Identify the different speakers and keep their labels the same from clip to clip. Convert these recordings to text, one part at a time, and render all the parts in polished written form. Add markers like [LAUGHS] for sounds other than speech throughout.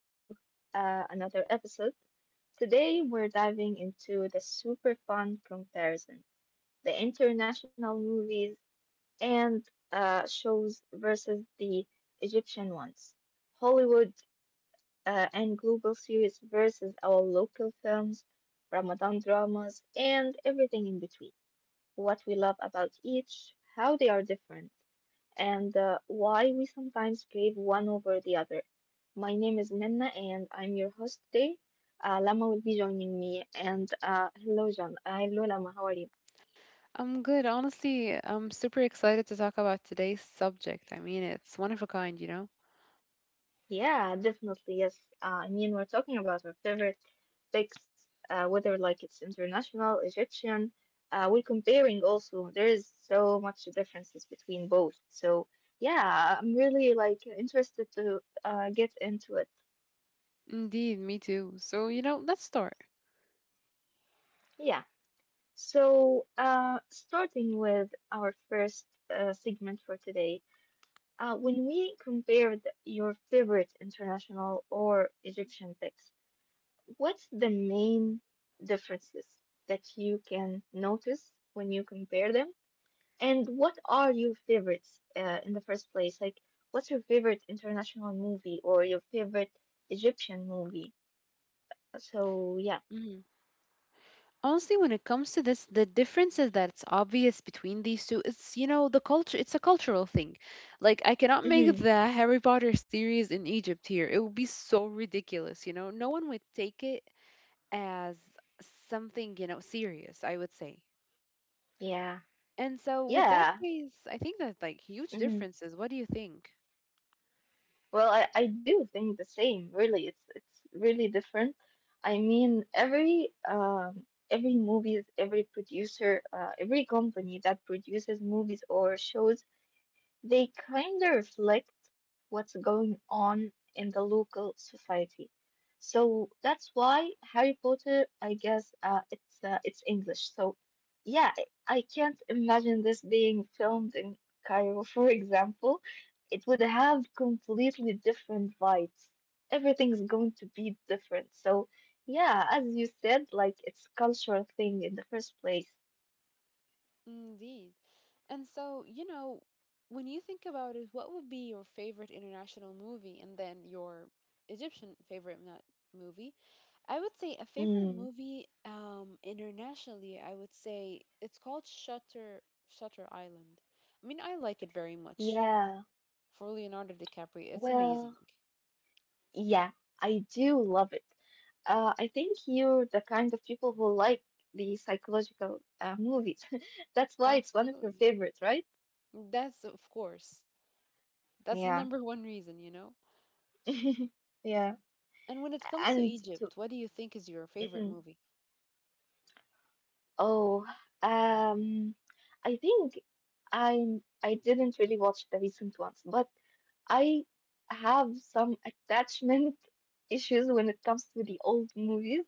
Speaker 1: to another episode. Today, we're diving into the super fun comparison the international movies and shows versus the Egyptian ones, Hollywood and global series versus our local films, Ramadan dramas, and everything in between. What we love about each, how they are different and why we sometimes crave one over the other. My name is Minna, and I'm your host today. Lama will be joining me, and hello, John. Hello, Lama. How are you?
Speaker 2: I'm good. Honestly, I'm super excited to talk about today's subject. I mean, it's one of a kind, you know?
Speaker 1: Yeah, definitely. Yes. I mean, we're talking about our favorite topics, whether like it's international, Egyptian. We're comparing also. There is so much differences between both. So yeah, I'm really like interested to get into it.
Speaker 2: Indeed, me too. So, you know, let's start.
Speaker 1: Yeah. So, starting with our first segment for today, when we compared your favorite international or Egyptian picks, what's the main differences that you can notice when you compare them? And what are your favorites in the first place? Like, what's your favorite international movie or your favorite Egyptian movie? So, yeah.
Speaker 2: Mhm. Honestly, when it comes to this, the differences that's obvious between these two, it's, you know, the culture, it's a cultural thing. Like, I cannot make
Speaker 1: Hmm.
Speaker 2: the Harry Potter series in Egypt here. It would be so ridiculous, you know? No one would take it as something, you know, serious, I would say.
Speaker 1: Yeah.
Speaker 2: And so, with that
Speaker 1: Yeah.
Speaker 2: case, I think that, like, huge
Speaker 1: Mm-hmm.
Speaker 2: differences. What do you think?
Speaker 1: Well, I do think the same, really. It's really different. I mean, every every movies, every producer, every company that produces movies or shows, they kind of reflect what's going on in the local society. So that's why Harry Potter, I guess, it's English. So yeah, I can't imagine this being filmed in Cairo, for example. It would have completely different vibes. Everything's going to be different. So, yeah, as you said, like it's a cultural thing in the first place.
Speaker 2: Indeed. And so, you know, when you think about it, what would be your favorite international movie and then your Egyptian favorite movie? I would say a favorite
Speaker 1: Mm,
Speaker 2: movie internationally, I would say it's called Shutter Island. I mean, I like it very much
Speaker 1: yeah,
Speaker 2: for Leonardo DiCaprio. It's
Speaker 1: well,
Speaker 2: amazing.
Speaker 1: yeah, I do love it. I think you're the kind of people who like the psychological movies. [LAUGHS] That's why it's one of your
Speaker 2: Absolutely.
Speaker 1: favorites, right?
Speaker 2: That's of course. That's the
Speaker 1: Yeah.
Speaker 2: number one reason, you know?
Speaker 1: [LAUGHS] Yeah.
Speaker 2: And when it comes to
Speaker 1: And to,
Speaker 2: Egypt, what do you think is your favorite
Speaker 1: mm,
Speaker 2: movie?
Speaker 1: oh, um, I think I didn't really watch the recent ones, but I have some attachment [LAUGHS] issues when it comes to the old movies.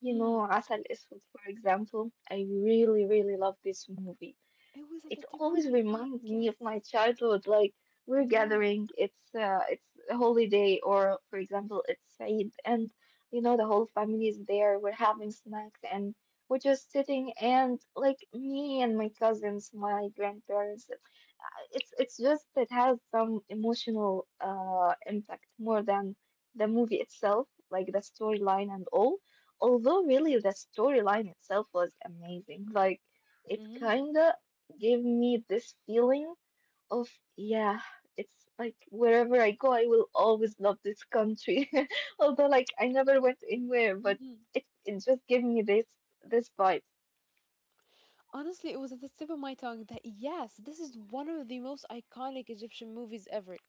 Speaker 1: You know, Asal Eswed, for example. I really, really love this movie.
Speaker 2: It was at the
Speaker 1: It
Speaker 2: tip of
Speaker 1: always
Speaker 2: my
Speaker 1: reminds
Speaker 2: tongue,
Speaker 1: me of
Speaker 2: yes.
Speaker 1: my childhood. Like we're
Speaker 2: Mm-hmm.
Speaker 1: gathering, it's a holiday, or for example, it's Eid, and you know the whole family is there. We're having snacks, and we're just sitting, and like me and my cousins, my grandparents, it's just it has some emotional impact more than the movie itself, like the storyline and all. Although really the storyline itself was amazing. Like it
Speaker 2: Mm-hmm.
Speaker 1: kinda gave me this feeling of, yeah, it's like wherever I go, I will always love this country. [LAUGHS] Although like I never went anywhere, but
Speaker 2: Mm-hmm.
Speaker 1: it just gave me this vibe.
Speaker 2: Honestly, it was at the tip of my tongue that, yes, this is one of the most iconic Egyptian movies ever.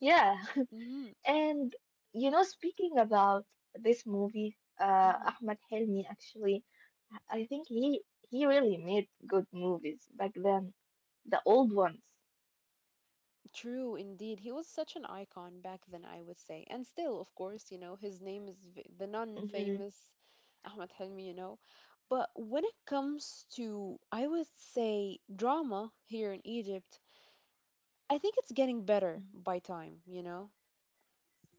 Speaker 1: Yeah.
Speaker 2: Mm-hmm.
Speaker 1: And, you know, speaking about this movie,
Speaker 2: Mm-hmm.
Speaker 1: Ahmed Helmi actually, I think he really made good movies back then, the old ones.
Speaker 2: True, indeed. He was such an icon back then, I would say. And still, of course, you know, his name is the
Speaker 1: Hmm.
Speaker 2: non-famous Ahmed Helmi, you know. But when it comes to, I would say, drama here in Egypt, I think it's getting better by time, you know.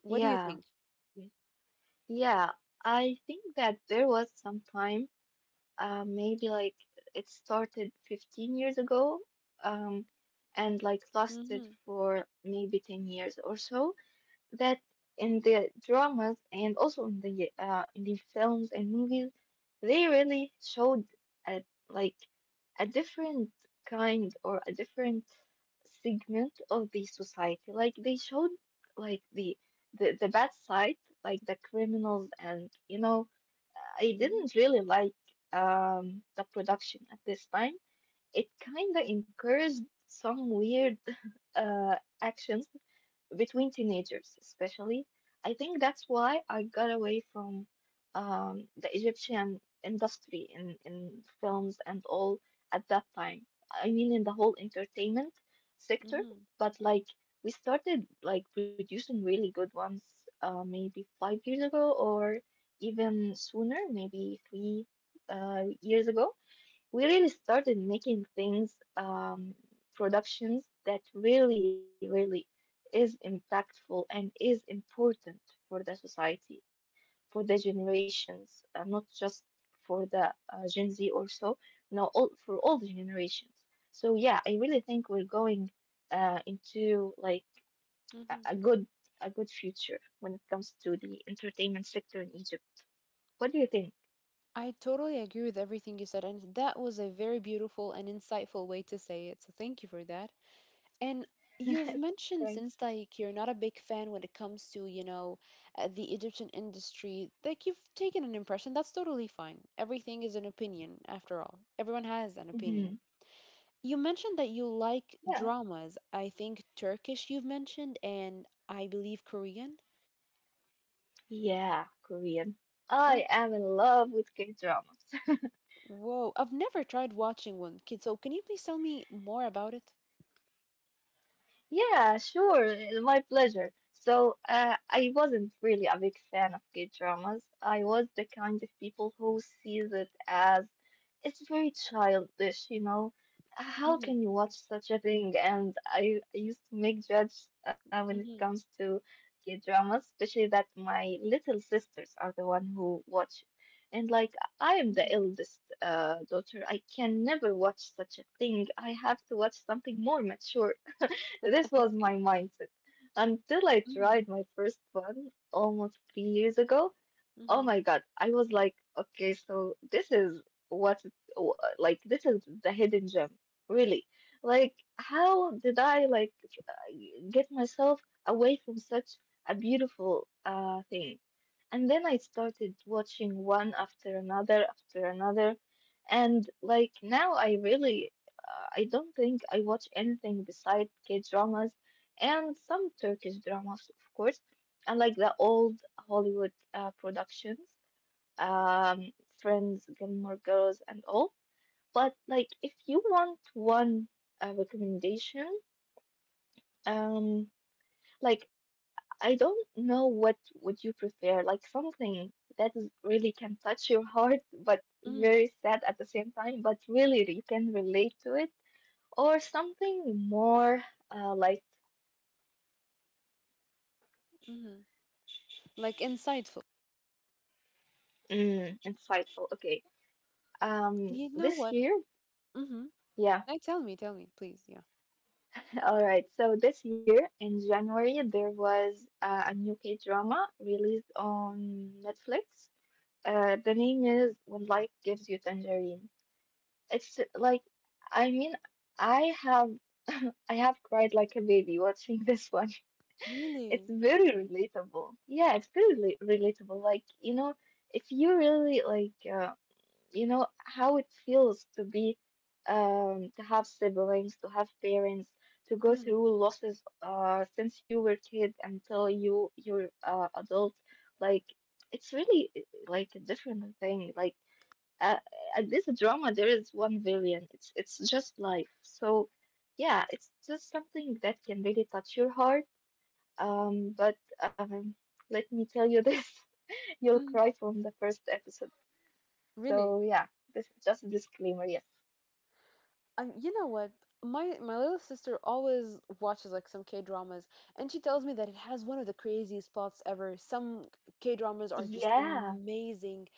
Speaker 2: What do you
Speaker 1: Yeah,
Speaker 2: think?
Speaker 1: yeah. I think that there was some time, maybe like it started 15 years ago, um, and like lasted
Speaker 2: Mm-hmm.
Speaker 1: for maybe 10 years or so, that in the dramas and also in the films and movies, they really showed a like a different kind or a different segment of the society. Like they showed like the bad side, like the criminals, and you know I didn't really like the production at this time. It kinda encouraged some weird [LAUGHS] actions between teenagers especially. I think that's why I got away from the Egyptian industry in films and all at that time. I mean, in the whole entertainment sector,
Speaker 2: hmm
Speaker 1: but like we started like producing really good ones, maybe 5 years ago or even sooner, maybe three years ago. We really started making things, productions that really, really is impactful and is important for the society, for the generations, not just for the Gen Z or so, no, for all the generations. So yeah, I really think we're going into like a,
Speaker 2: hmm
Speaker 1: a good a good future when it comes to the entertainment sector in Egypt. What do you think?
Speaker 2: I totally agree with everything you said, and that was a very beautiful and insightful way to say it. So thank you for that. And you've mentioned
Speaker 1: [LAUGHS]
Speaker 2: since
Speaker 1: Thanks.
Speaker 2: like you're not a big fan when it comes to, you know, the Egyptian industry, like you've taken an impression. That's totally fine. Everything is an opinion, after all. Everyone has an opinion.
Speaker 1: Mhm.
Speaker 2: You mentioned that you like
Speaker 1: Yeah.
Speaker 2: dramas. I think Turkish you've mentioned, and I believe Korean.
Speaker 1: Yeah, Korean.
Speaker 2: Oh,
Speaker 1: I am in love with K-dramas. [LAUGHS]
Speaker 2: whoa, I've never tried watching one. Kid, so can you please tell me more about it?
Speaker 1: Yeah, sure, my pleasure. So, I wasn't really a big fan of K-dramas. I was the kind of people who sees it as it's very childish, you know. How
Speaker 2: Mm-hmm.
Speaker 1: can you watch such a thing? And I used to make judge when it
Speaker 2: Mm-hmm.
Speaker 1: comes to K dramas, especially that my little sisters are the one who watch it. And like I am the
Speaker 2: Mm-hmm.
Speaker 1: eldest daughter, I can never watch such a thing. I have to watch something more mature. [LAUGHS]
Speaker 2: [LAUGHS]
Speaker 1: This
Speaker 2: I
Speaker 1: was
Speaker 2: see.
Speaker 1: my mindset until I
Speaker 2: Mm-hmm.
Speaker 1: tried my first one almost 3 years ago. Oh
Speaker 2: Mm-hmm.
Speaker 1: my God. I was like, okay, so this is what, it- wh- like, this is the hidden gem, really. Like, how did I, like, uh, get myself away from such a beautiful thing? And then I started watching one after another, after another. And, like, now, I don't think I watch anything beside K-dramas and some Turkish dramas, of course, unlike the old Hollywood productions, Friends, Gilmore Girls, and all. But like, if you want one recommendation, um, like I don't know what would you prefer, like something that is really can touch your heart, but very
Speaker 2: Mm-hmm.
Speaker 1: sad at the same time, but really you can relate to it, or something more like,
Speaker 2: Mm-hmm. Like insightful.
Speaker 1: insightful. Okay,
Speaker 2: You know
Speaker 1: this
Speaker 2: what?
Speaker 1: year.
Speaker 2: Mm-hmm.
Speaker 1: Yeah,
Speaker 2: I Tell me, tell me, please. Yeah.
Speaker 1: all right, so this year in January, there was a new K-drama released on Netflix. The name is When Life Gives You Tangerine. It's like, I mean, I have [LAUGHS] I have cried like a baby watching this one. [LAUGHS] It's
Speaker 2: Really?
Speaker 1: very relatable. Yeah, it's very relatable. Like, you know, if you really like, you know how it feels to be, to have siblings, to have parents, to go
Speaker 2: Mm-hmm.
Speaker 1: through losses since you were kid until you're adult, like it's really, like a different thing, like uh, at this drama there is 1 billion, it's just life. So yeah, it's just something that can really touch your heart, but let me tell you, [LAUGHS] this, you'll cry
Speaker 2: mm
Speaker 1: from the first episode,
Speaker 2: Really?
Speaker 1: so yeah, this is just a disclaimer. Yes.
Speaker 2: You know what? My little sister always watches like some K dramas, and she tells me that it has one of the craziest plots ever. Some K dramas are just
Speaker 1: Yeah.
Speaker 2: amazing,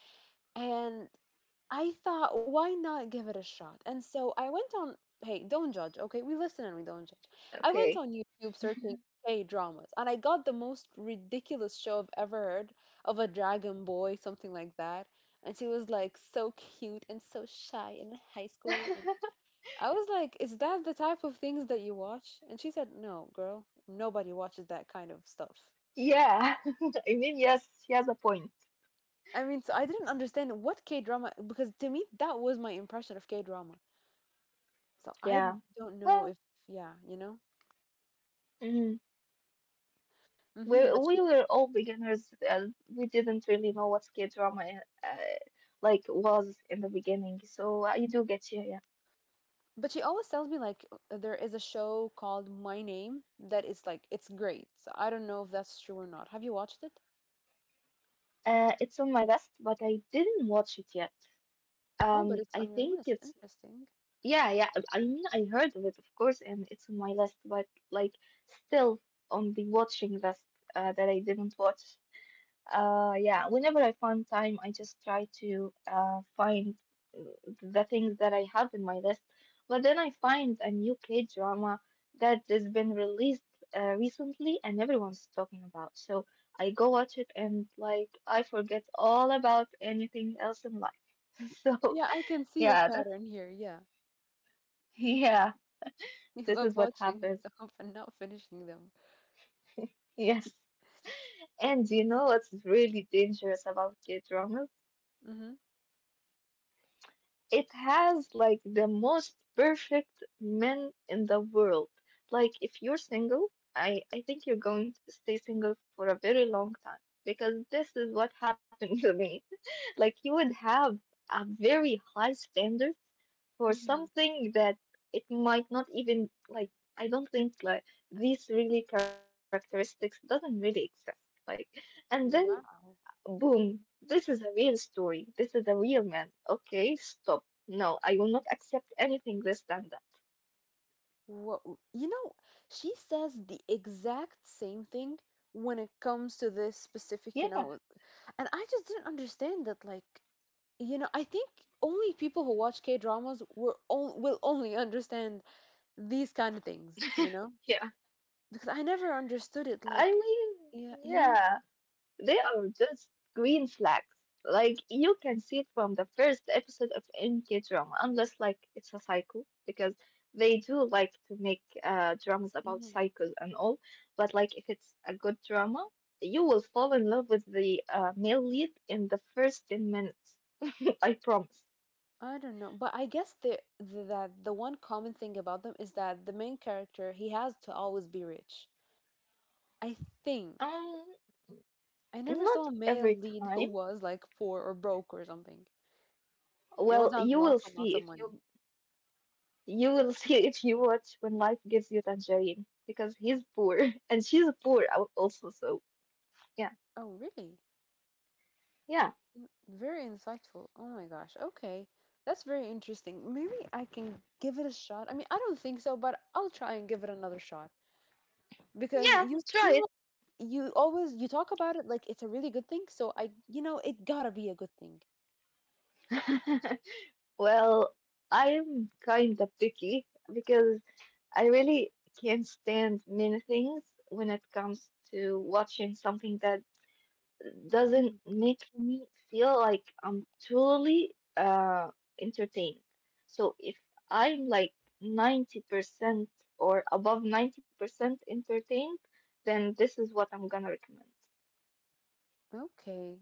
Speaker 2: and I thought, why not give it a shot? And so I went on. Hey, don't judge, okay? We listen and we don't judge. I went
Speaker 1: Okay.
Speaker 2: on YouTube searching K dramas, and I got the most ridiculous show I've ever heard of, a dragon boy, something like that. And she was like so cute and so shy and in high school. And I was like, is that the type of things that you watch? And she said, no, girl, nobody watches that kind of stuff.
Speaker 1: Yeah. [LAUGHS] I mean, yes, she has a point.
Speaker 2: I mean, so I didn't understand what K drama, because to me that was my impression of K drama. So
Speaker 1: Yeah.
Speaker 2: don't know
Speaker 1: Well,
Speaker 2: if yeah, you know.
Speaker 1: mm, we
Speaker 2: But
Speaker 1: we were all beginners. We didn't really know what K-drama like was in the beginning. So I do get you. Yeah.
Speaker 2: she always tells me like there is a show called My Name that is like it's great. So I don't know if that's true or not. Have you watched it?
Speaker 1: It's on my list, but I didn't watch it yet.
Speaker 2: Oh, but it's
Speaker 1: I
Speaker 2: on your
Speaker 1: think
Speaker 2: list.
Speaker 1: it's.
Speaker 2: Interesting.
Speaker 1: Yeah, yeah. I mean, I heard of it, of course, and it's on my list, but like still on the watching list that I didn't watch. Yeah, whenever I find time, I just try to find uh, the things that I have in my list. But then I find a new K drama that has been released recently, and everyone's talking about. So I go watch it, and like I forget all about anything else in life. [LAUGHS] So
Speaker 2: Yeah, I can see a
Speaker 1: yeah, that's
Speaker 2: pattern here. Yeah. [LAUGHS]
Speaker 1: [LAUGHS] yeah.
Speaker 2: You
Speaker 1: This is
Speaker 2: love
Speaker 1: what
Speaker 2: watching [LAUGHS]
Speaker 1: happens.
Speaker 2: stuff and not finishing them.
Speaker 1: Yes. And you know what's really dangerous about K-dramas?
Speaker 2: Mm-hmm.
Speaker 1: It has like the most perfect men in the world. Like if you're single, I think you're going to stay single for a very long time, because this is what happened [LAUGHS] to me. Like you would have a very high standard for
Speaker 2: Mm-hmm.
Speaker 1: something that it might not even, like, I don't think like these really characteristics doesn't really exist. Like, and then,
Speaker 2: Wow.
Speaker 1: boom, this is a real story. This is a real man. Okay, stop. No, I will not accept anything less than that.
Speaker 2: What, you know, she says the exact same thing when it comes to this
Speaker 1: Yeah,
Speaker 2: specific, you know, and I just didn't understand that, like, you know, I think only people who watch K dramas will only understand these kind of things, you know,
Speaker 1: yeah.
Speaker 2: because I never understood it.
Speaker 1: I
Speaker 2: Like,
Speaker 1: mean,
Speaker 2: yeah, you know,
Speaker 1: yeah. They are just green flags. Like you can see it from the first episode of MK drama, unless like it's a cycle, because they do like to make dramas about
Speaker 2: mhm,
Speaker 1: cycles and all. But like if it's a good drama, you will fall in love with the male lead in the first 10 minutes. [LAUGHS] I promise.
Speaker 2: I don't know, but I guess the one common thing about them is that the main character he has to always be rich. I think
Speaker 1: Um,
Speaker 2: I never
Speaker 1: not
Speaker 2: saw a male
Speaker 1: every
Speaker 2: lead who
Speaker 1: time.
Speaker 2: was like poor or broke or something. He
Speaker 1: Well,
Speaker 2: always has
Speaker 1: you will
Speaker 2: lots and lots
Speaker 1: see
Speaker 2: of
Speaker 1: if
Speaker 2: money.
Speaker 1: you You will [LAUGHS] see if you watch When Life Gives You Tangerine, because he's poor [LAUGHS] and she's poor, also. So, yeah,
Speaker 2: Oh, really?
Speaker 1: yeah,
Speaker 2: Mm, very insightful. Oh my gosh. Okay. That's very interesting. Maybe I can give it a shot. I mean, I don't think so, but I'll try and give it another shot because
Speaker 1: yeah,
Speaker 2: you
Speaker 1: try
Speaker 2: seem
Speaker 1: it.
Speaker 2: like you always you talk about it like it's a really good thing, so I you know, it gotta be a good thing.
Speaker 1: [LAUGHS] Well, I'm kind of picky, because I really can't stand many things when it comes to watching something that doesn't
Speaker 2: Mm.
Speaker 1: make me feel like I'm truly entertained. So if I'm like 90% or above 90% entertained, then this is what I'm gonna recommend.
Speaker 2: Okay.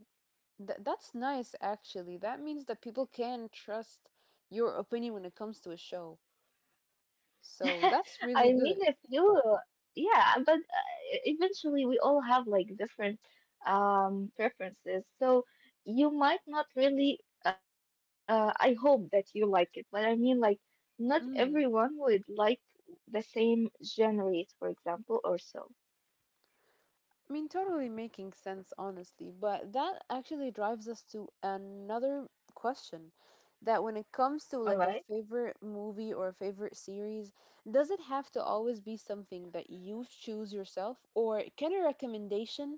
Speaker 2: Th That's nice actually. That means that people can trust your opinion when it comes to a show. So that's
Speaker 1: [LAUGHS] I
Speaker 2: really
Speaker 1: mean, if you, yeah, but eventually we all have like different preferences. So you might not really, I hope that you like it, but I mean, like, not everyone
Speaker 2: good.
Speaker 1: would like the same genres, for example, or so.
Speaker 2: I mean, totally making sense, honestly, but that actually drives us to another question that when it comes to
Speaker 1: All
Speaker 2: like a
Speaker 1: right.
Speaker 2: favorite movie or a favorite series, does it have to always be something that you choose yourself, or can a recommendation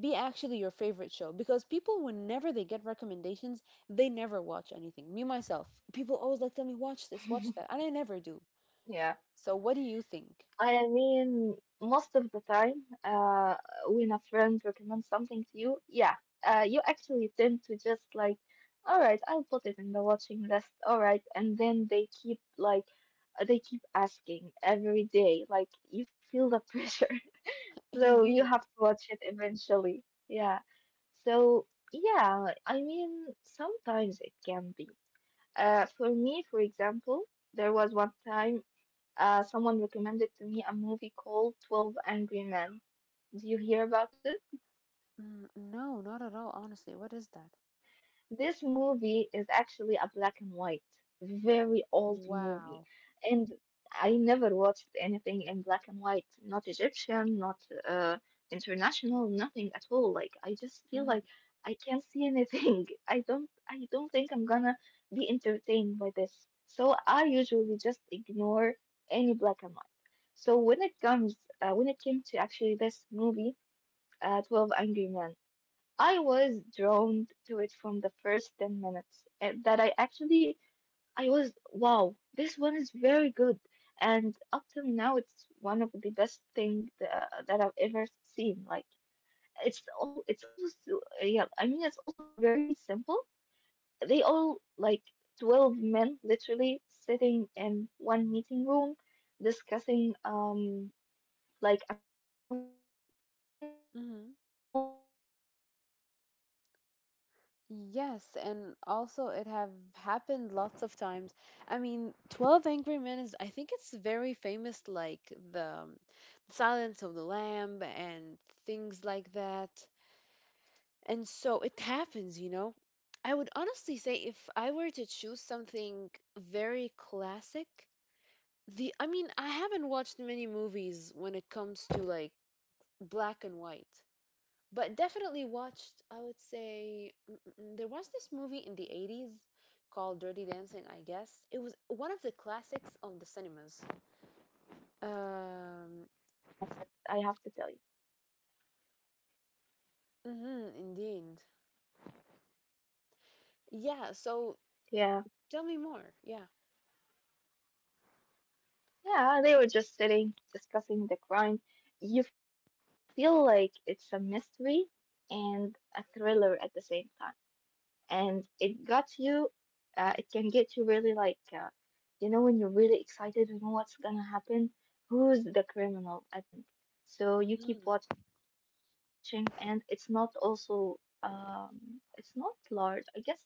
Speaker 2: be actually your favorite show? Because people, whenever they get recommendations, they never watch anything. Me, myself, people always like tell me, watch this, watch that, and I never do. So, what do you think?
Speaker 1: I mean, most of the time, when a friend recommends something to you, yeah, you actually tend to just like, all right, I'll put it in the watching list, all right, and then they keep asking every day, like you feel the [LAUGHS] pressure,
Speaker 2: [LAUGHS]
Speaker 1: so you
Speaker 2: Indeed.
Speaker 1: have to watch it eventually. Yeah, so yeah, I mean, sometimes it can be. For me, for example, there was one time. Someone recommended to me a movie called 12 Angry Men. Do you hear about it?
Speaker 2: Mm, no, not at all, honestly. What is that?
Speaker 1: This movie is actually a black and white, very old movie.
Speaker 2: Wow.
Speaker 1: And I never watched anything in black and white, not Egyptian, not international, nothing at all. Like I just feel
Speaker 2: Mm,
Speaker 1: like I can't see anything. [LAUGHS] I don't think I'm gonna be entertained by this. So I usually just ignore any black and white. So when it comes when it came to actually this movie, 12 Angry Men. I was drawn to it from the first 10 minutes, and that I actually I was, wow, this one is very good, and up till now it's one of the best things that I've ever seen. Like it's also, yeah, I mean it's also very simple. They all, like, 12 men literally sitting in one meeting room discussing like a crime or something. And there is
Speaker 2: hmm.
Speaker 1: no scenery otherwhere. It's just the men
Speaker 2: Yes, and
Speaker 1: discussing,
Speaker 2: also it
Speaker 1: but
Speaker 2: have
Speaker 1: still
Speaker 2: happened
Speaker 1: very
Speaker 2: lots of times.
Speaker 1: entertaining.
Speaker 2: I mean,
Speaker 1: Entertaining.
Speaker 2: 12
Speaker 1: So
Speaker 2: Angry Men is I
Speaker 1: yeah,
Speaker 2: think
Speaker 1: this
Speaker 2: it's
Speaker 1: really
Speaker 2: very
Speaker 1: changed
Speaker 2: famous
Speaker 1: my
Speaker 2: like
Speaker 1: mindset.
Speaker 2: the Silence of the Lamb and things like that. And so it happens, you know. I would honestly say if I were to choose something very classic, the I mean, I haven't watched many movies when it comes to like black and white. But definitely watched, I would say, there was this movie in the 80s called Dirty Dancing. I guess it was one of the classics of the cinemas.
Speaker 1: This movie really changed my
Speaker 2: um
Speaker 1: mindset. I have to tell you.
Speaker 2: mhm, Indeed, yeah. So
Speaker 1: Yeah,
Speaker 2: tell me more, yeah.
Speaker 1: yeah, they were just sitting discussing the crime. You feel like it's a mystery and a thriller at the same time. And it got you, it can get you really like, you know, when you're really excited, you know what's gonna happen, who's the criminal at the end. So
Speaker 2: hmm
Speaker 1: you keep watching, and it's not large, I guess. it's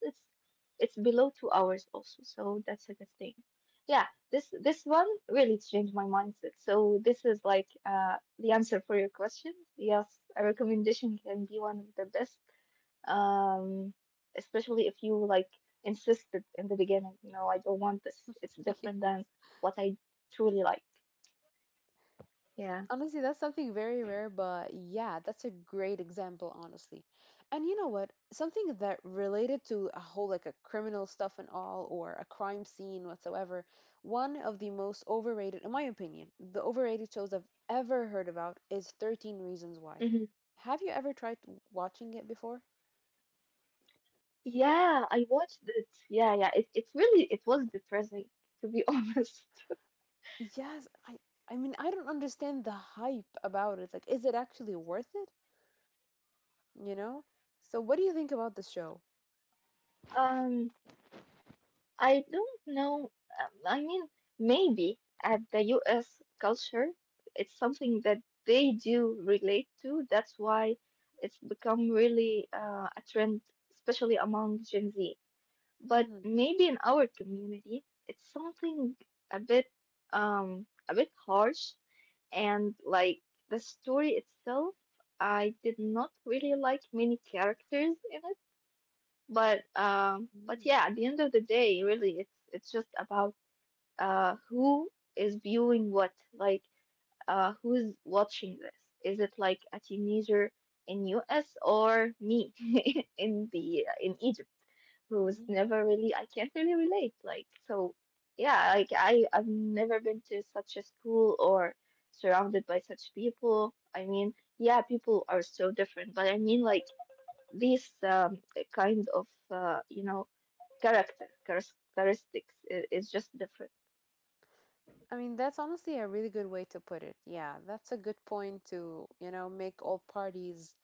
Speaker 1: it's below 2 hours also, so that's a good thing. Yeah, this one really changed my mindset, so this is like the answer for your question. Yes, a recommendation can be one of the best. um, Especially if you like insisted in the beginning, you know, I don't want this. It's
Speaker 2: [LAUGHS]
Speaker 1: different
Speaker 2: yes.
Speaker 1: than what I truly like. Yeah.
Speaker 2: Honestly, that's something very rare, but yeah, that's a great example, honestly. And you know what? Something that related to a whole like a criminal stuff and all, or a crime scene whatsoever, one of the most overrated, in my opinion, the overrated shows I've ever heard about is
Speaker 1: Hmm.
Speaker 2: 13 Reasons Why. Have you ever tried watching it before?
Speaker 1: Yeah, I watched it. Yeah, yeah. It really, it was depressing to be [LAUGHS] honest.
Speaker 2: Yes, I mean I don't understand the hype about it. Like, is it actually worth it? You know? So what do you think about the show?
Speaker 1: Um, I don't know. I mean, maybe at the US culture, it's something that they do relate to. That's why it's become really a trend, especially among Gen Z. But
Speaker 2: Mm-hmm.
Speaker 1: maybe in our community, it's something a bit, a bit harsh. And like the story itself, I did not really like many characters in it. But yeah, at the end of the day, really, it's just about who is viewing what. Like, who's watching this? Is it like a teenager in US, or me [LAUGHS] in the in Egypt? Who was
Speaker 2: Mm-hmm.
Speaker 1: never really, I can't really relate, like. So yeah, like, I've never been to such a school or surrounded by such people. I mean, yeah, people are so different, but I mean like these, kind of, you know, characteristics is just different.
Speaker 2: I mean, that's honestly a really good way to put it. Yeah, that's a good point to, you know, make all parties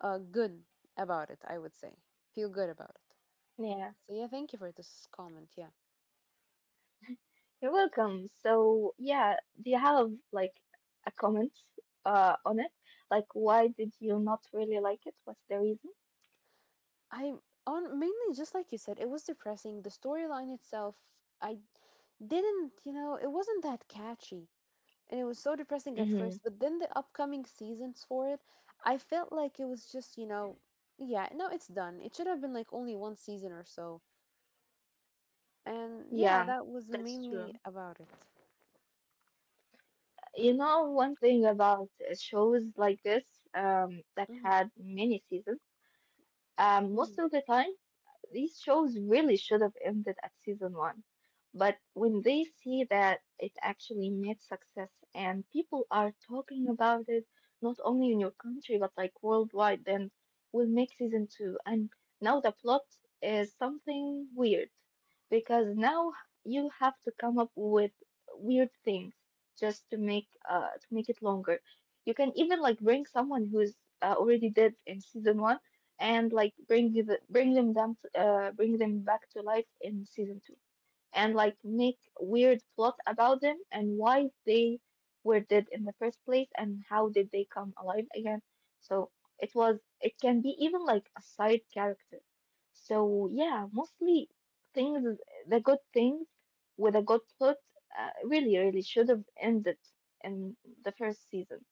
Speaker 2: good about it, I would say. Feel good about it.
Speaker 1: Yeah,
Speaker 2: So yeah, thank you for this comment. Yeah.
Speaker 1: you're welcome. So yeah, do you have like a comment on it, like why did you not really like it, what's the reason?
Speaker 2: I on mainly just like you said, it was depressing. The storyline itself, I didn't, you know, it wasn't that catchy. And it was so depressing at first,
Speaker 1: Mm-hmm.
Speaker 2: but then the upcoming seasons for it, I felt like it was just, you know, yeah, no, it's done. It should have been like only one season or so. And yeah,
Speaker 1: Yeah,
Speaker 2: that was
Speaker 1: that's
Speaker 2: mainly
Speaker 1: true.
Speaker 2: about it.
Speaker 1: You
Speaker 2: Mm,
Speaker 1: know, one thing about shows like this, that
Speaker 2: mhm,
Speaker 1: had many seasons, most
Speaker 2: mhm,
Speaker 1: of the time these shows really should have ended at season one. But when they see that it actually made success and people are talking about it, not only in your country, but like worldwide, then we'll make season two. And now the plot is something weird, because now you have to come up with weird things just to make it longer. You can even like bring someone who's already dead in season one, and like bring them to, bring them back to life in season two, and like make weird plot about them and why they were dead in the first place and how did they come alive again. So it was, it can be even like a side character. So yeah, mostly things the good things with a good plot, really really should have ended in the first season.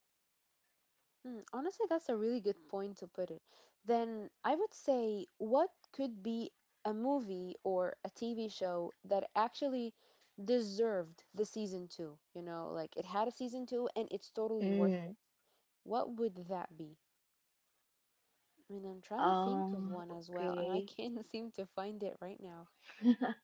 Speaker 2: mm. Honestly, that's a really good point to put it. Then I would say, what could be a movie or a TV show that actually deserved the season two? You know, like it had a season two and it's totally worth it.
Speaker 1: Mm.
Speaker 2: What would that be? I mean, I'm trying to think of one as well, and
Speaker 1: Okay.
Speaker 2: I can't [LAUGHS] seem to find it right now.
Speaker 1: [LAUGHS]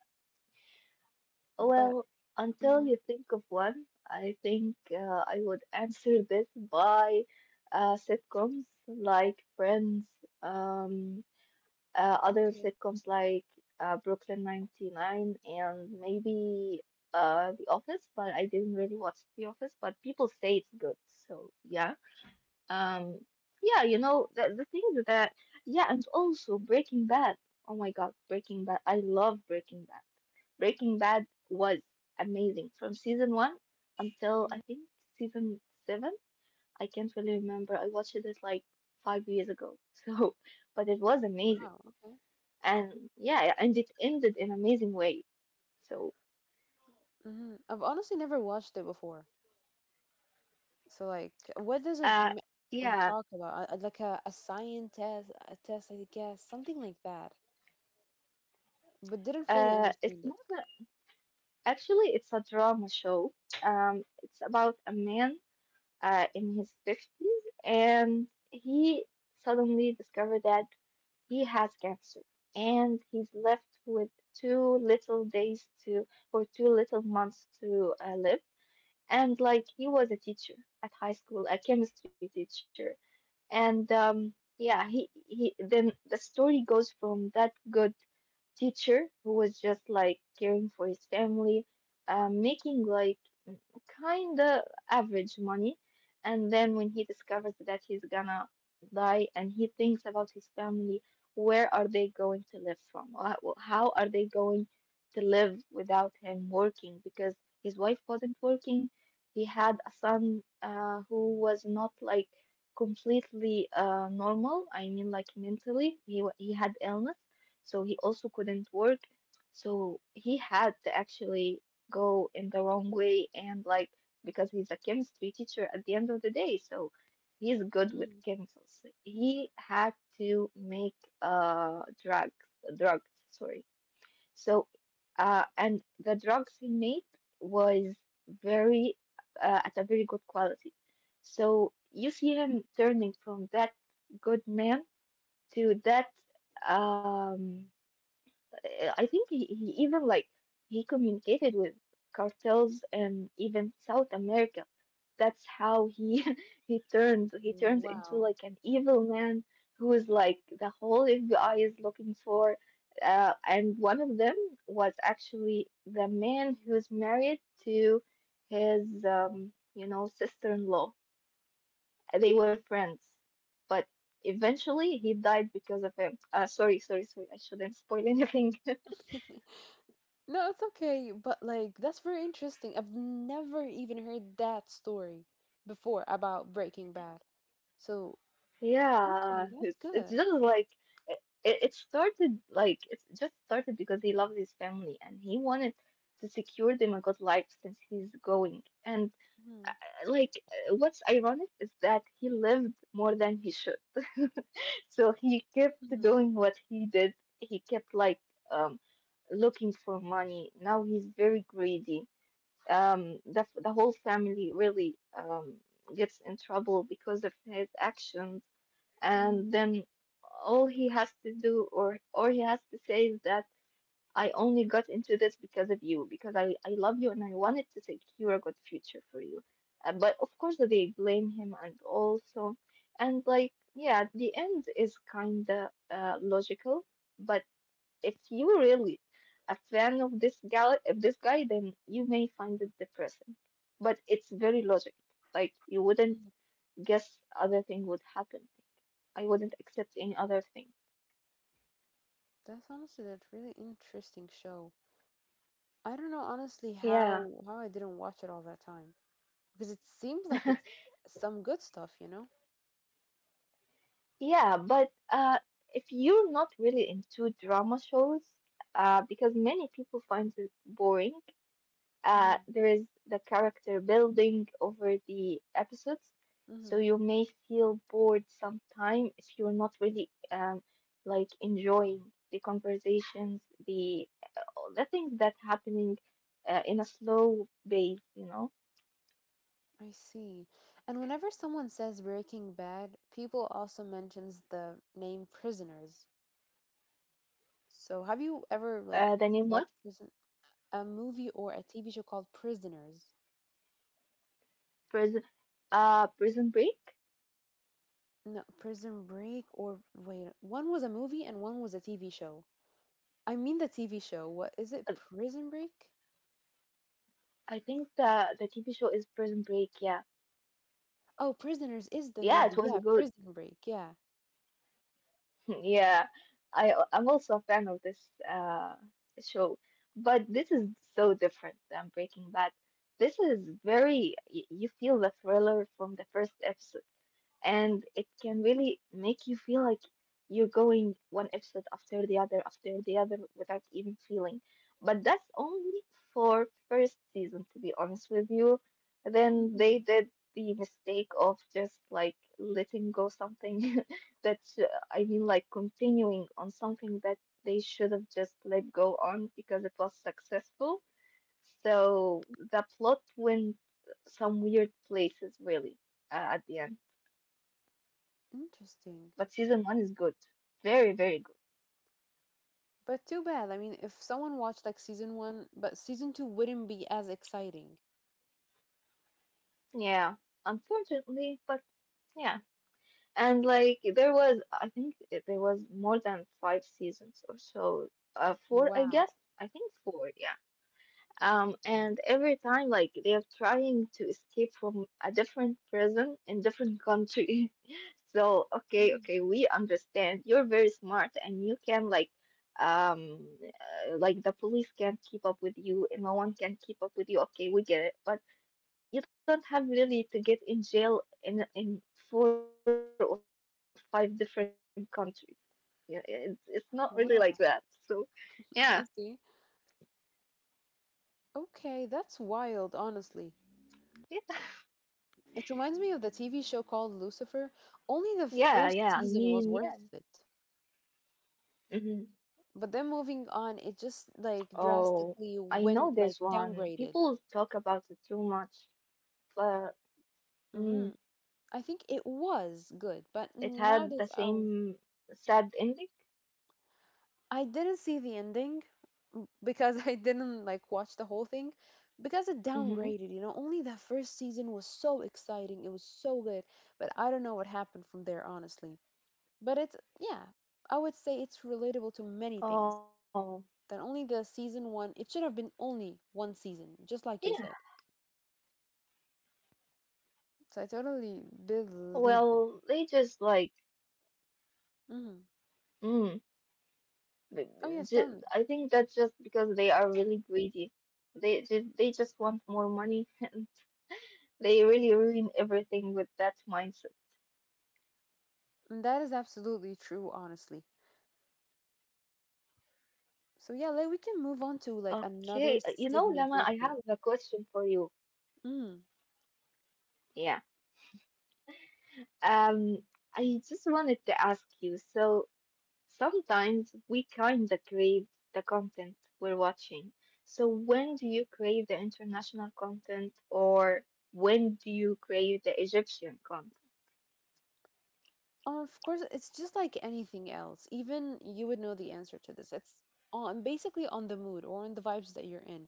Speaker 2: But,
Speaker 1: Well, until
Speaker 2: hmm,
Speaker 1: you think of one, I think, I would answer this by, sitcoms like Friends, um, other
Speaker 2: okay.
Speaker 1: sitcoms like, Brooklyn 99, and maybe, The Office, but I didn't really watch The Office, but people say it's good, so yeah. Um, yeah, you know, the things that, yeah, and also Breaking Bad. Oh my God, Breaking Bad. I love Breaking Bad. Breaking Bad was amazing from season one until
Speaker 2: Mhm.
Speaker 1: I think season seven. I can't really remember. I watched it like 5 years ago. [LAUGHS] So, but it was amazing.
Speaker 2: Wow, okay.
Speaker 1: And yeah, and it ended in amazing way. So,
Speaker 2: Hmm. I've honestly never watched it before. So like, what does
Speaker 1: uh, yeah,
Speaker 2: talk about? Like a scientist, a test, I guess, something like that. But didn't fully
Speaker 1: it's
Speaker 2: understand it.
Speaker 1: not a, actually, it's a drama show. It's about a man in his 50s, and he suddenly discovered that he has cancer, and he's left with two little days to, or two little months to live. And like he was a teacher at high school, a chemistry teacher, and yeah, he he. Then the story goes from that good teacher who was just like caring for his family, making like kind of average money. And then when he discovers that he's gonna die and he thinks about his family, where are they going to live from? How are they going to live without him working? Because his wife wasn't working. He had a son who was not like completely normal. I mean, like mentally, he had illness, so he also couldn't work. So he had to actually go in the wrong way, and like because he's a chemistry teacher at the end of the day, so he's good with
Speaker 2: Mhm.
Speaker 1: chemicals. He had to make drugs, drugs, sorry. So and the drugs he made was very, at a very good quality. So you see him turning from that good man to that um I think he even like he communicated with cartels and even South America. That's how he [LAUGHS] he turns into
Speaker 2: Wow.
Speaker 1: like an evil man who is like the whole FBI is looking for. And one of them was actually the man who's married to his, you know, sister-in-law. They were friends, but eventually he died because of him. Sorry, sorry, sorry. I shouldn't spoil anything. [LAUGHS]
Speaker 2: [LAUGHS] No, it's okay, but like that's very interesting. I've never even heard that story before about Breaking Bad. So, okay,
Speaker 1: Yeah,
Speaker 2: that's
Speaker 1: it's
Speaker 2: good.
Speaker 1: just like, it started like, it just started because he loves his family and he wanted to secure them a good life since he's going. And,
Speaker 2: Mhm,
Speaker 1: like, what's ironic is that he lived more than he should. [LAUGHS] So he kept
Speaker 2: mhm,
Speaker 1: doing what he did. He kept like, um looking for money. Now he's very greedy. The whole family really gets in trouble because of his actions, and
Speaker 2: mhm,
Speaker 1: then all he has to do, or he has to say, is that I only got into this because of you, because I love you and I wanted to secure a good future for you. But of course they blame him. And also and like yeah, the end is kinda, logical, but if you really a fan of this gal of this guy, then you may find it depressing. But it's very logic. Like you wouldn't
Speaker 2: mhm.
Speaker 1: guess other thing would happen. I wouldn't accept any other thing.
Speaker 2: That's honestly a really interesting show. I don't know honestly
Speaker 1: Yeah.
Speaker 2: how I didn't watch it all that time, because it seems like it's
Speaker 1: [LAUGHS]
Speaker 2: some good stuff, you know?
Speaker 1: Yeah, but, if you're not really into drama shows, because many people find it boring,
Speaker 2: Hmm.
Speaker 1: there is the character building over the episodes, so
Speaker 2: Hmm.
Speaker 1: you may feel bored sometime if you're not really, like, enjoying the conversations, the all the things that happening, in a slow pace, you know.
Speaker 2: I see. And whenever someone says Breaking Bad, people also mentions the name Prisoners. So have you ever like
Speaker 1: The name
Speaker 2: watched
Speaker 1: one.
Speaker 2: prison a movie or a TV show called Prisoners?
Speaker 1: Prison, Prison Break.
Speaker 2: No, Prison Break or wait, one was a movie and one was a TV show. I mean the TV show. What is
Speaker 1: Uh,
Speaker 2: it? Prison Break?
Speaker 1: I think the TV show is Prison Break. Yeah,
Speaker 2: Oh, Prisoners is the
Speaker 1: yeah,
Speaker 2: movie.
Speaker 1: it was
Speaker 2: Yeah,
Speaker 1: good.
Speaker 2: Prison Break. Yeah.
Speaker 1: [LAUGHS] Yeah, I I'm also a fan of this show, but this is so different than Breaking Bad. This is very, you feel the thriller from the first episode, and it can really make you feel like you're going one episode after the other without even feeling. But that's only for first season, to be honest with you. Then
Speaker 2: Mhm.
Speaker 1: they did the mistake of just like letting go something [LAUGHS] that, I mean like continuing on something that they should have just let go on because it was successful. So the plot went some weird places really, at the end.
Speaker 2: Interesting.
Speaker 1: But season one is good. Very, very good.
Speaker 2: But too bad. I mean, if someone watched like season one, but season two wouldn't be as exciting.
Speaker 1: Yeah, unfortunately, but yeah. And like there was, I think there was more than five seasons or so. Four, I
Speaker 2: Wow.
Speaker 1: guess. I think four, yeah. And every time, like, they are trying to escape from a different prison in different country. [LAUGHS] So, okay,
Speaker 2: Mhm.
Speaker 1: okay, we understand. You're very smart and you can like the police can't keep up with you and no one can keep up with you. Okay, we get it. But you don't have really to get in jail in four or five different countries. Yeah, it's not really like that. So,
Speaker 2: Wow.
Speaker 1: yeah.
Speaker 2: [LAUGHS] I see. Okay, that's wild, honestly.
Speaker 1: [LAUGHS]
Speaker 2: It reminds me of the TV show called Lucifer. Only
Speaker 1: Yeah.
Speaker 2: the
Speaker 1: Yeah, yeah. I
Speaker 2: first season
Speaker 1: mean,
Speaker 2: was
Speaker 1: yeah.
Speaker 2: worth it.
Speaker 1: hmm
Speaker 2: But then moving on, it just like
Speaker 1: Oh,
Speaker 2: drastically
Speaker 1: I
Speaker 2: went
Speaker 1: know
Speaker 2: like
Speaker 1: this one.
Speaker 2: downgraded.
Speaker 1: People talk about it too much, but
Speaker 2: Hmm.
Speaker 1: hmm.
Speaker 2: I think it was good, but
Speaker 1: It had
Speaker 2: nowadays
Speaker 1: the same sad ending.
Speaker 2: I didn't see the ending, because [LAUGHS] I didn't like watch the whole thing because it
Speaker 1: Mm-hmm.
Speaker 2: downgraded, you know. Only that first season was so exciting, it was so good, but I don't know what happened from there, honestly. But it's, yeah, I would say it's relatable to many things.
Speaker 1: Oh,
Speaker 2: That only the season one, it should have been only one season, just like
Speaker 1: yeah.
Speaker 2: you said. So I totally believe that.
Speaker 1: Well, they just like,
Speaker 2: Hmm.
Speaker 1: mm,
Speaker 2: Oh,
Speaker 1: th-
Speaker 2: yes, tell me.
Speaker 1: I think that's just because they are really greedy. They just want more money, [LAUGHS] and they really ruin everything with that mindset.
Speaker 2: And that is absolutely true, honestly. So yeah, like we can move on to like another
Speaker 1: Okay, you know,
Speaker 2: segment
Speaker 1: Lama,
Speaker 2: real
Speaker 1: I
Speaker 2: quick.
Speaker 1: have a question for you. Yeah. Um, I just wanted to ask you. So, sometimes we kinda crave the content we're watching. So, when do you crave the international content, or when do you crave the Egyptian content?
Speaker 2: Of course, it's just like anything else. Even you would know the answer to this. It's on basically on the mood or on the vibes that you're in.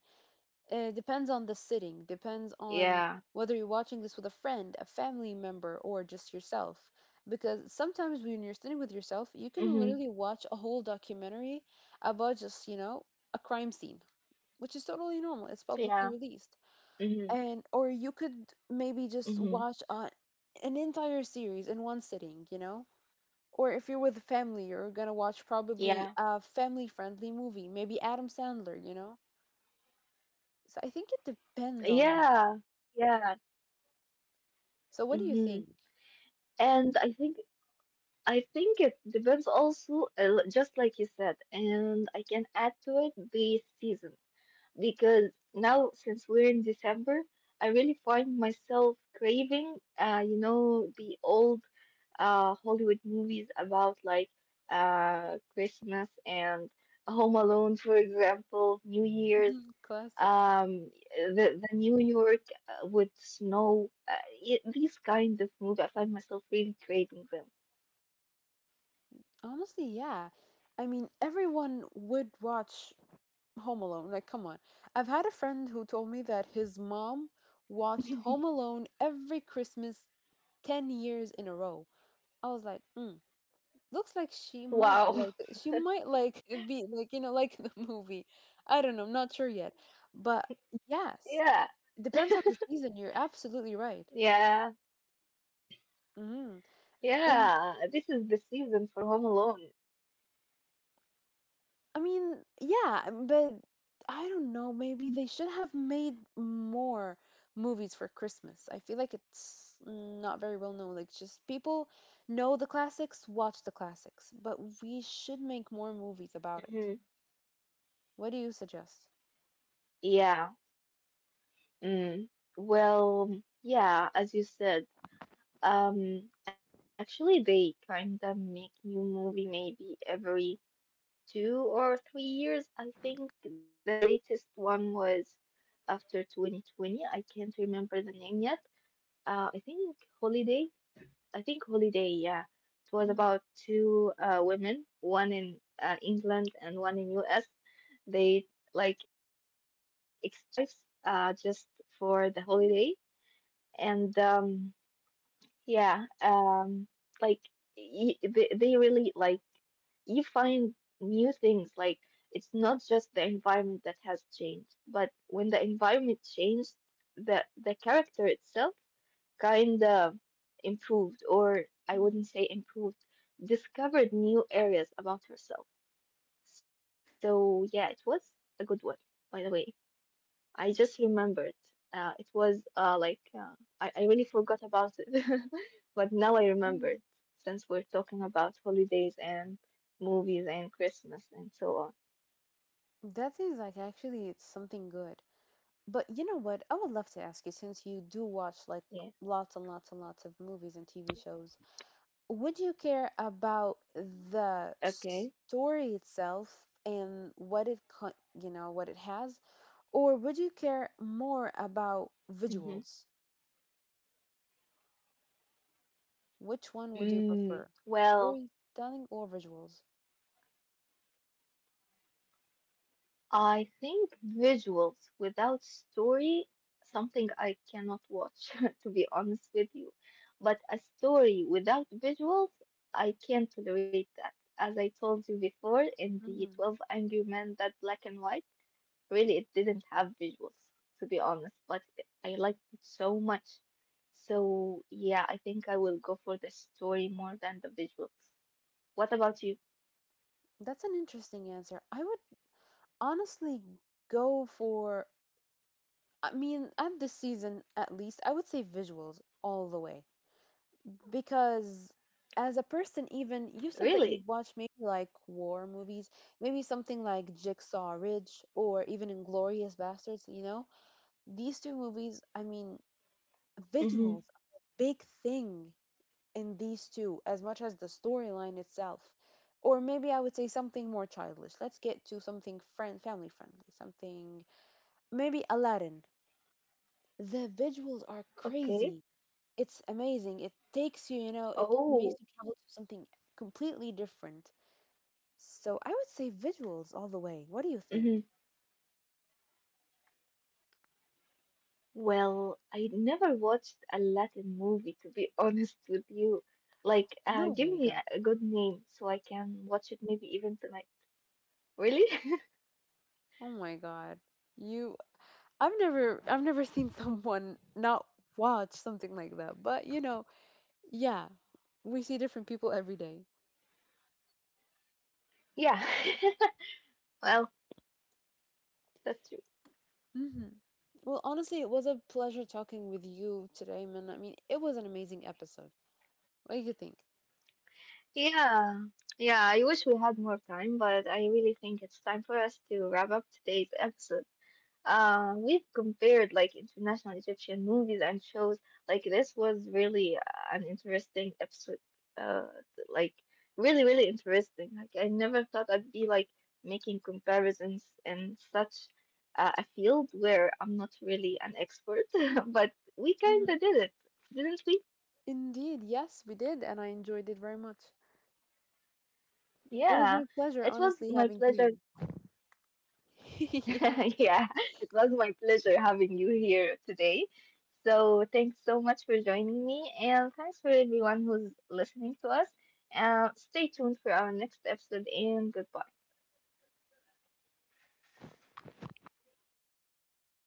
Speaker 2: It depends on the sitting, depends on
Speaker 1: Yeah.
Speaker 2: whether you're watching this with a friend, a family member, or just yourself. Because sometimes when you're sitting with yourself, you can
Speaker 1: Mm-hmm.
Speaker 2: literally watch a whole documentary about just, a crime scene, which is totally normal. It's publicly
Speaker 1: Yeah.
Speaker 2: released.
Speaker 1: Mm-hmm.
Speaker 2: And or you could maybe just
Speaker 1: Mm-hmm.
Speaker 2: watch an entire series in one sitting, you know? Or if you're with the family, you're gonna watch probably
Speaker 1: Yeah.
Speaker 2: a family-friendly movie, maybe Adam Sandler, you know? So I think it depends on them.
Speaker 1: Yeah. Yeah.
Speaker 2: So what do you
Speaker 1: Mm-hmm.
Speaker 2: think?
Speaker 1: And I think it depends also, just like you said, and I can add to it the season, because now since we're in December, I really find myself craving, you know, the old Hollywood movies about like Christmas and Home Alone, for example, New Year's,
Speaker 2: Mhm, classics.
Speaker 1: um, the New York with snow, these kind of movies. I find myself really craving them.
Speaker 2: Honestly, yeah. I mean, everyone would watch Home Alone. Like, come on. I've had a friend who told me that his mom watched Home Alone every Christmas 10 years in a row. I was like, looks like she might
Speaker 1: Wow. [LAUGHS]
Speaker 2: like she might like be like, you know, like [LAUGHS] the movie. I don't know, I'm not sure yet, but yes.
Speaker 1: Yeah.
Speaker 2: Depends on the season, you're absolutely right.
Speaker 1: Yeah.
Speaker 2: Hmm. And
Speaker 1: Yeah. This is the season for Home Alone.
Speaker 2: I mean, yeah, but I don't know, maybe they should have made more movies for Christmas. I feel like it's not very well known, like, just people know the classics, watch the classics, but we should make more movies about it.
Speaker 1: Hmm
Speaker 2: What do you suggest?
Speaker 1: Yeah. Mm, well, yeah, as you said, actually they kind of make new movie maybe every 2 or 3 years. I think the latest one was after 2020. I can't remember the name yet. I think Holiday. I think Holiday, yeah. It was about two women, one in England and one in US. They like exchanged their lives just for the holiday, and um, yeah, um, like y they really like you find new things, like it's not just the environment that has changed, but when the environment changed, the character itself kind of improved, or I
Speaker 2: Mm-hmm.
Speaker 1: wouldn't say improved, discovered new areas about herself. So yeah, it was a good one, by the way. I just remembered. It was like I really forgot about it, [LAUGHS] but now I remembered, since we're talking about holidays and movies and Christmas and so on.
Speaker 2: That seems like actually it's something good. But you know what? I would love to ask you, since you do watch like
Speaker 1: Yeah.
Speaker 2: lots and lots and lots of movies and TV shows, would you care about the
Speaker 1: Okay.
Speaker 2: story itself and what it what it has, or would you care more about
Speaker 1: Mm-hmm.
Speaker 2: visuals? Which one would you
Speaker 1: Mm,
Speaker 2: prefer?
Speaker 1: well.
Speaker 2: Storytelling or visuals?
Speaker 1: I think visuals without story, something I cannot watch, [LAUGHS] to be honest with you. But a story without visuals, I can't tolerate that. As I told you before, in the
Speaker 2: Hmm,
Speaker 1: 12 Angry Men, that black and white, really, it didn't have visuals, to be honest, but I liked it so much. So, yeah, I think I will go for the story more than the visuals. What about you?
Speaker 2: that's an interesting answer. I would honestly go for, I mean, at this season at least, I would say visuals all the way. Because as a person, even you said that
Speaker 1: Really?
Speaker 2: you've watched maybe like war movies, maybe something like Jigsaw Ridge or even Inglorious Bastards, you know? These two movies, I mean, visuals
Speaker 1: Mm-hmm.
Speaker 2: are a big thing in these two as much as the storyline itself. Or maybe I would say something more childish. Let's get to something friend family friendly, something maybe Aladdin. The
Speaker 1: Okay.
Speaker 2: visuals are crazy. It's amazing. It takes you, you
Speaker 1: Oh.
Speaker 2: know, it makes you travel to something completely different. So I would say visuals all the way. What do you think?
Speaker 1: Mm-hmm. Well, I never watched a Latin movie, to be [LAUGHS] honest with you. Like,
Speaker 2: No
Speaker 1: give
Speaker 2: way,
Speaker 1: me
Speaker 2: girl.
Speaker 1: a good name so I can watch it maybe even tonight. Really? [LAUGHS]
Speaker 2: Oh my God. You, I've never seen [LAUGHS] someone not watch something like that. But you know, yeah, we see different people every day.
Speaker 1: Yeah. [LAUGHS] Well, that's true.
Speaker 2: Mm-hmm. Well, honestly, it was a pleasure talking with you today, man. I mean, it was an amazing episode. What do you think?
Speaker 1: Yeah. Yeah, I wish we had more time, but I really think it's time for us to wrap up today's episode. We've compared like international Egyptian movies and shows. Like this was really an interesting episode. Uh, like really, really interesting. Like I never thought I'd be like making comparisons in such a field where I'm not really an expert, [LAUGHS] but we
Speaker 2: Hmm.
Speaker 1: kind of did it, didn't we?
Speaker 2: Indeed, yes, we did, and I enjoyed it very much. It was my
Speaker 1: Yeah,
Speaker 2: pleasure,
Speaker 1: it was
Speaker 2: honestly,
Speaker 1: my
Speaker 2: having
Speaker 1: pleasure.
Speaker 2: you here. [LAUGHS] Yeah.
Speaker 1: [LAUGHS] Yeah, it was my pleasure having you here today. So, thanks so much for joining me, and thanks for everyone who's listening to us. Stay tuned for our next episode, and goodbye.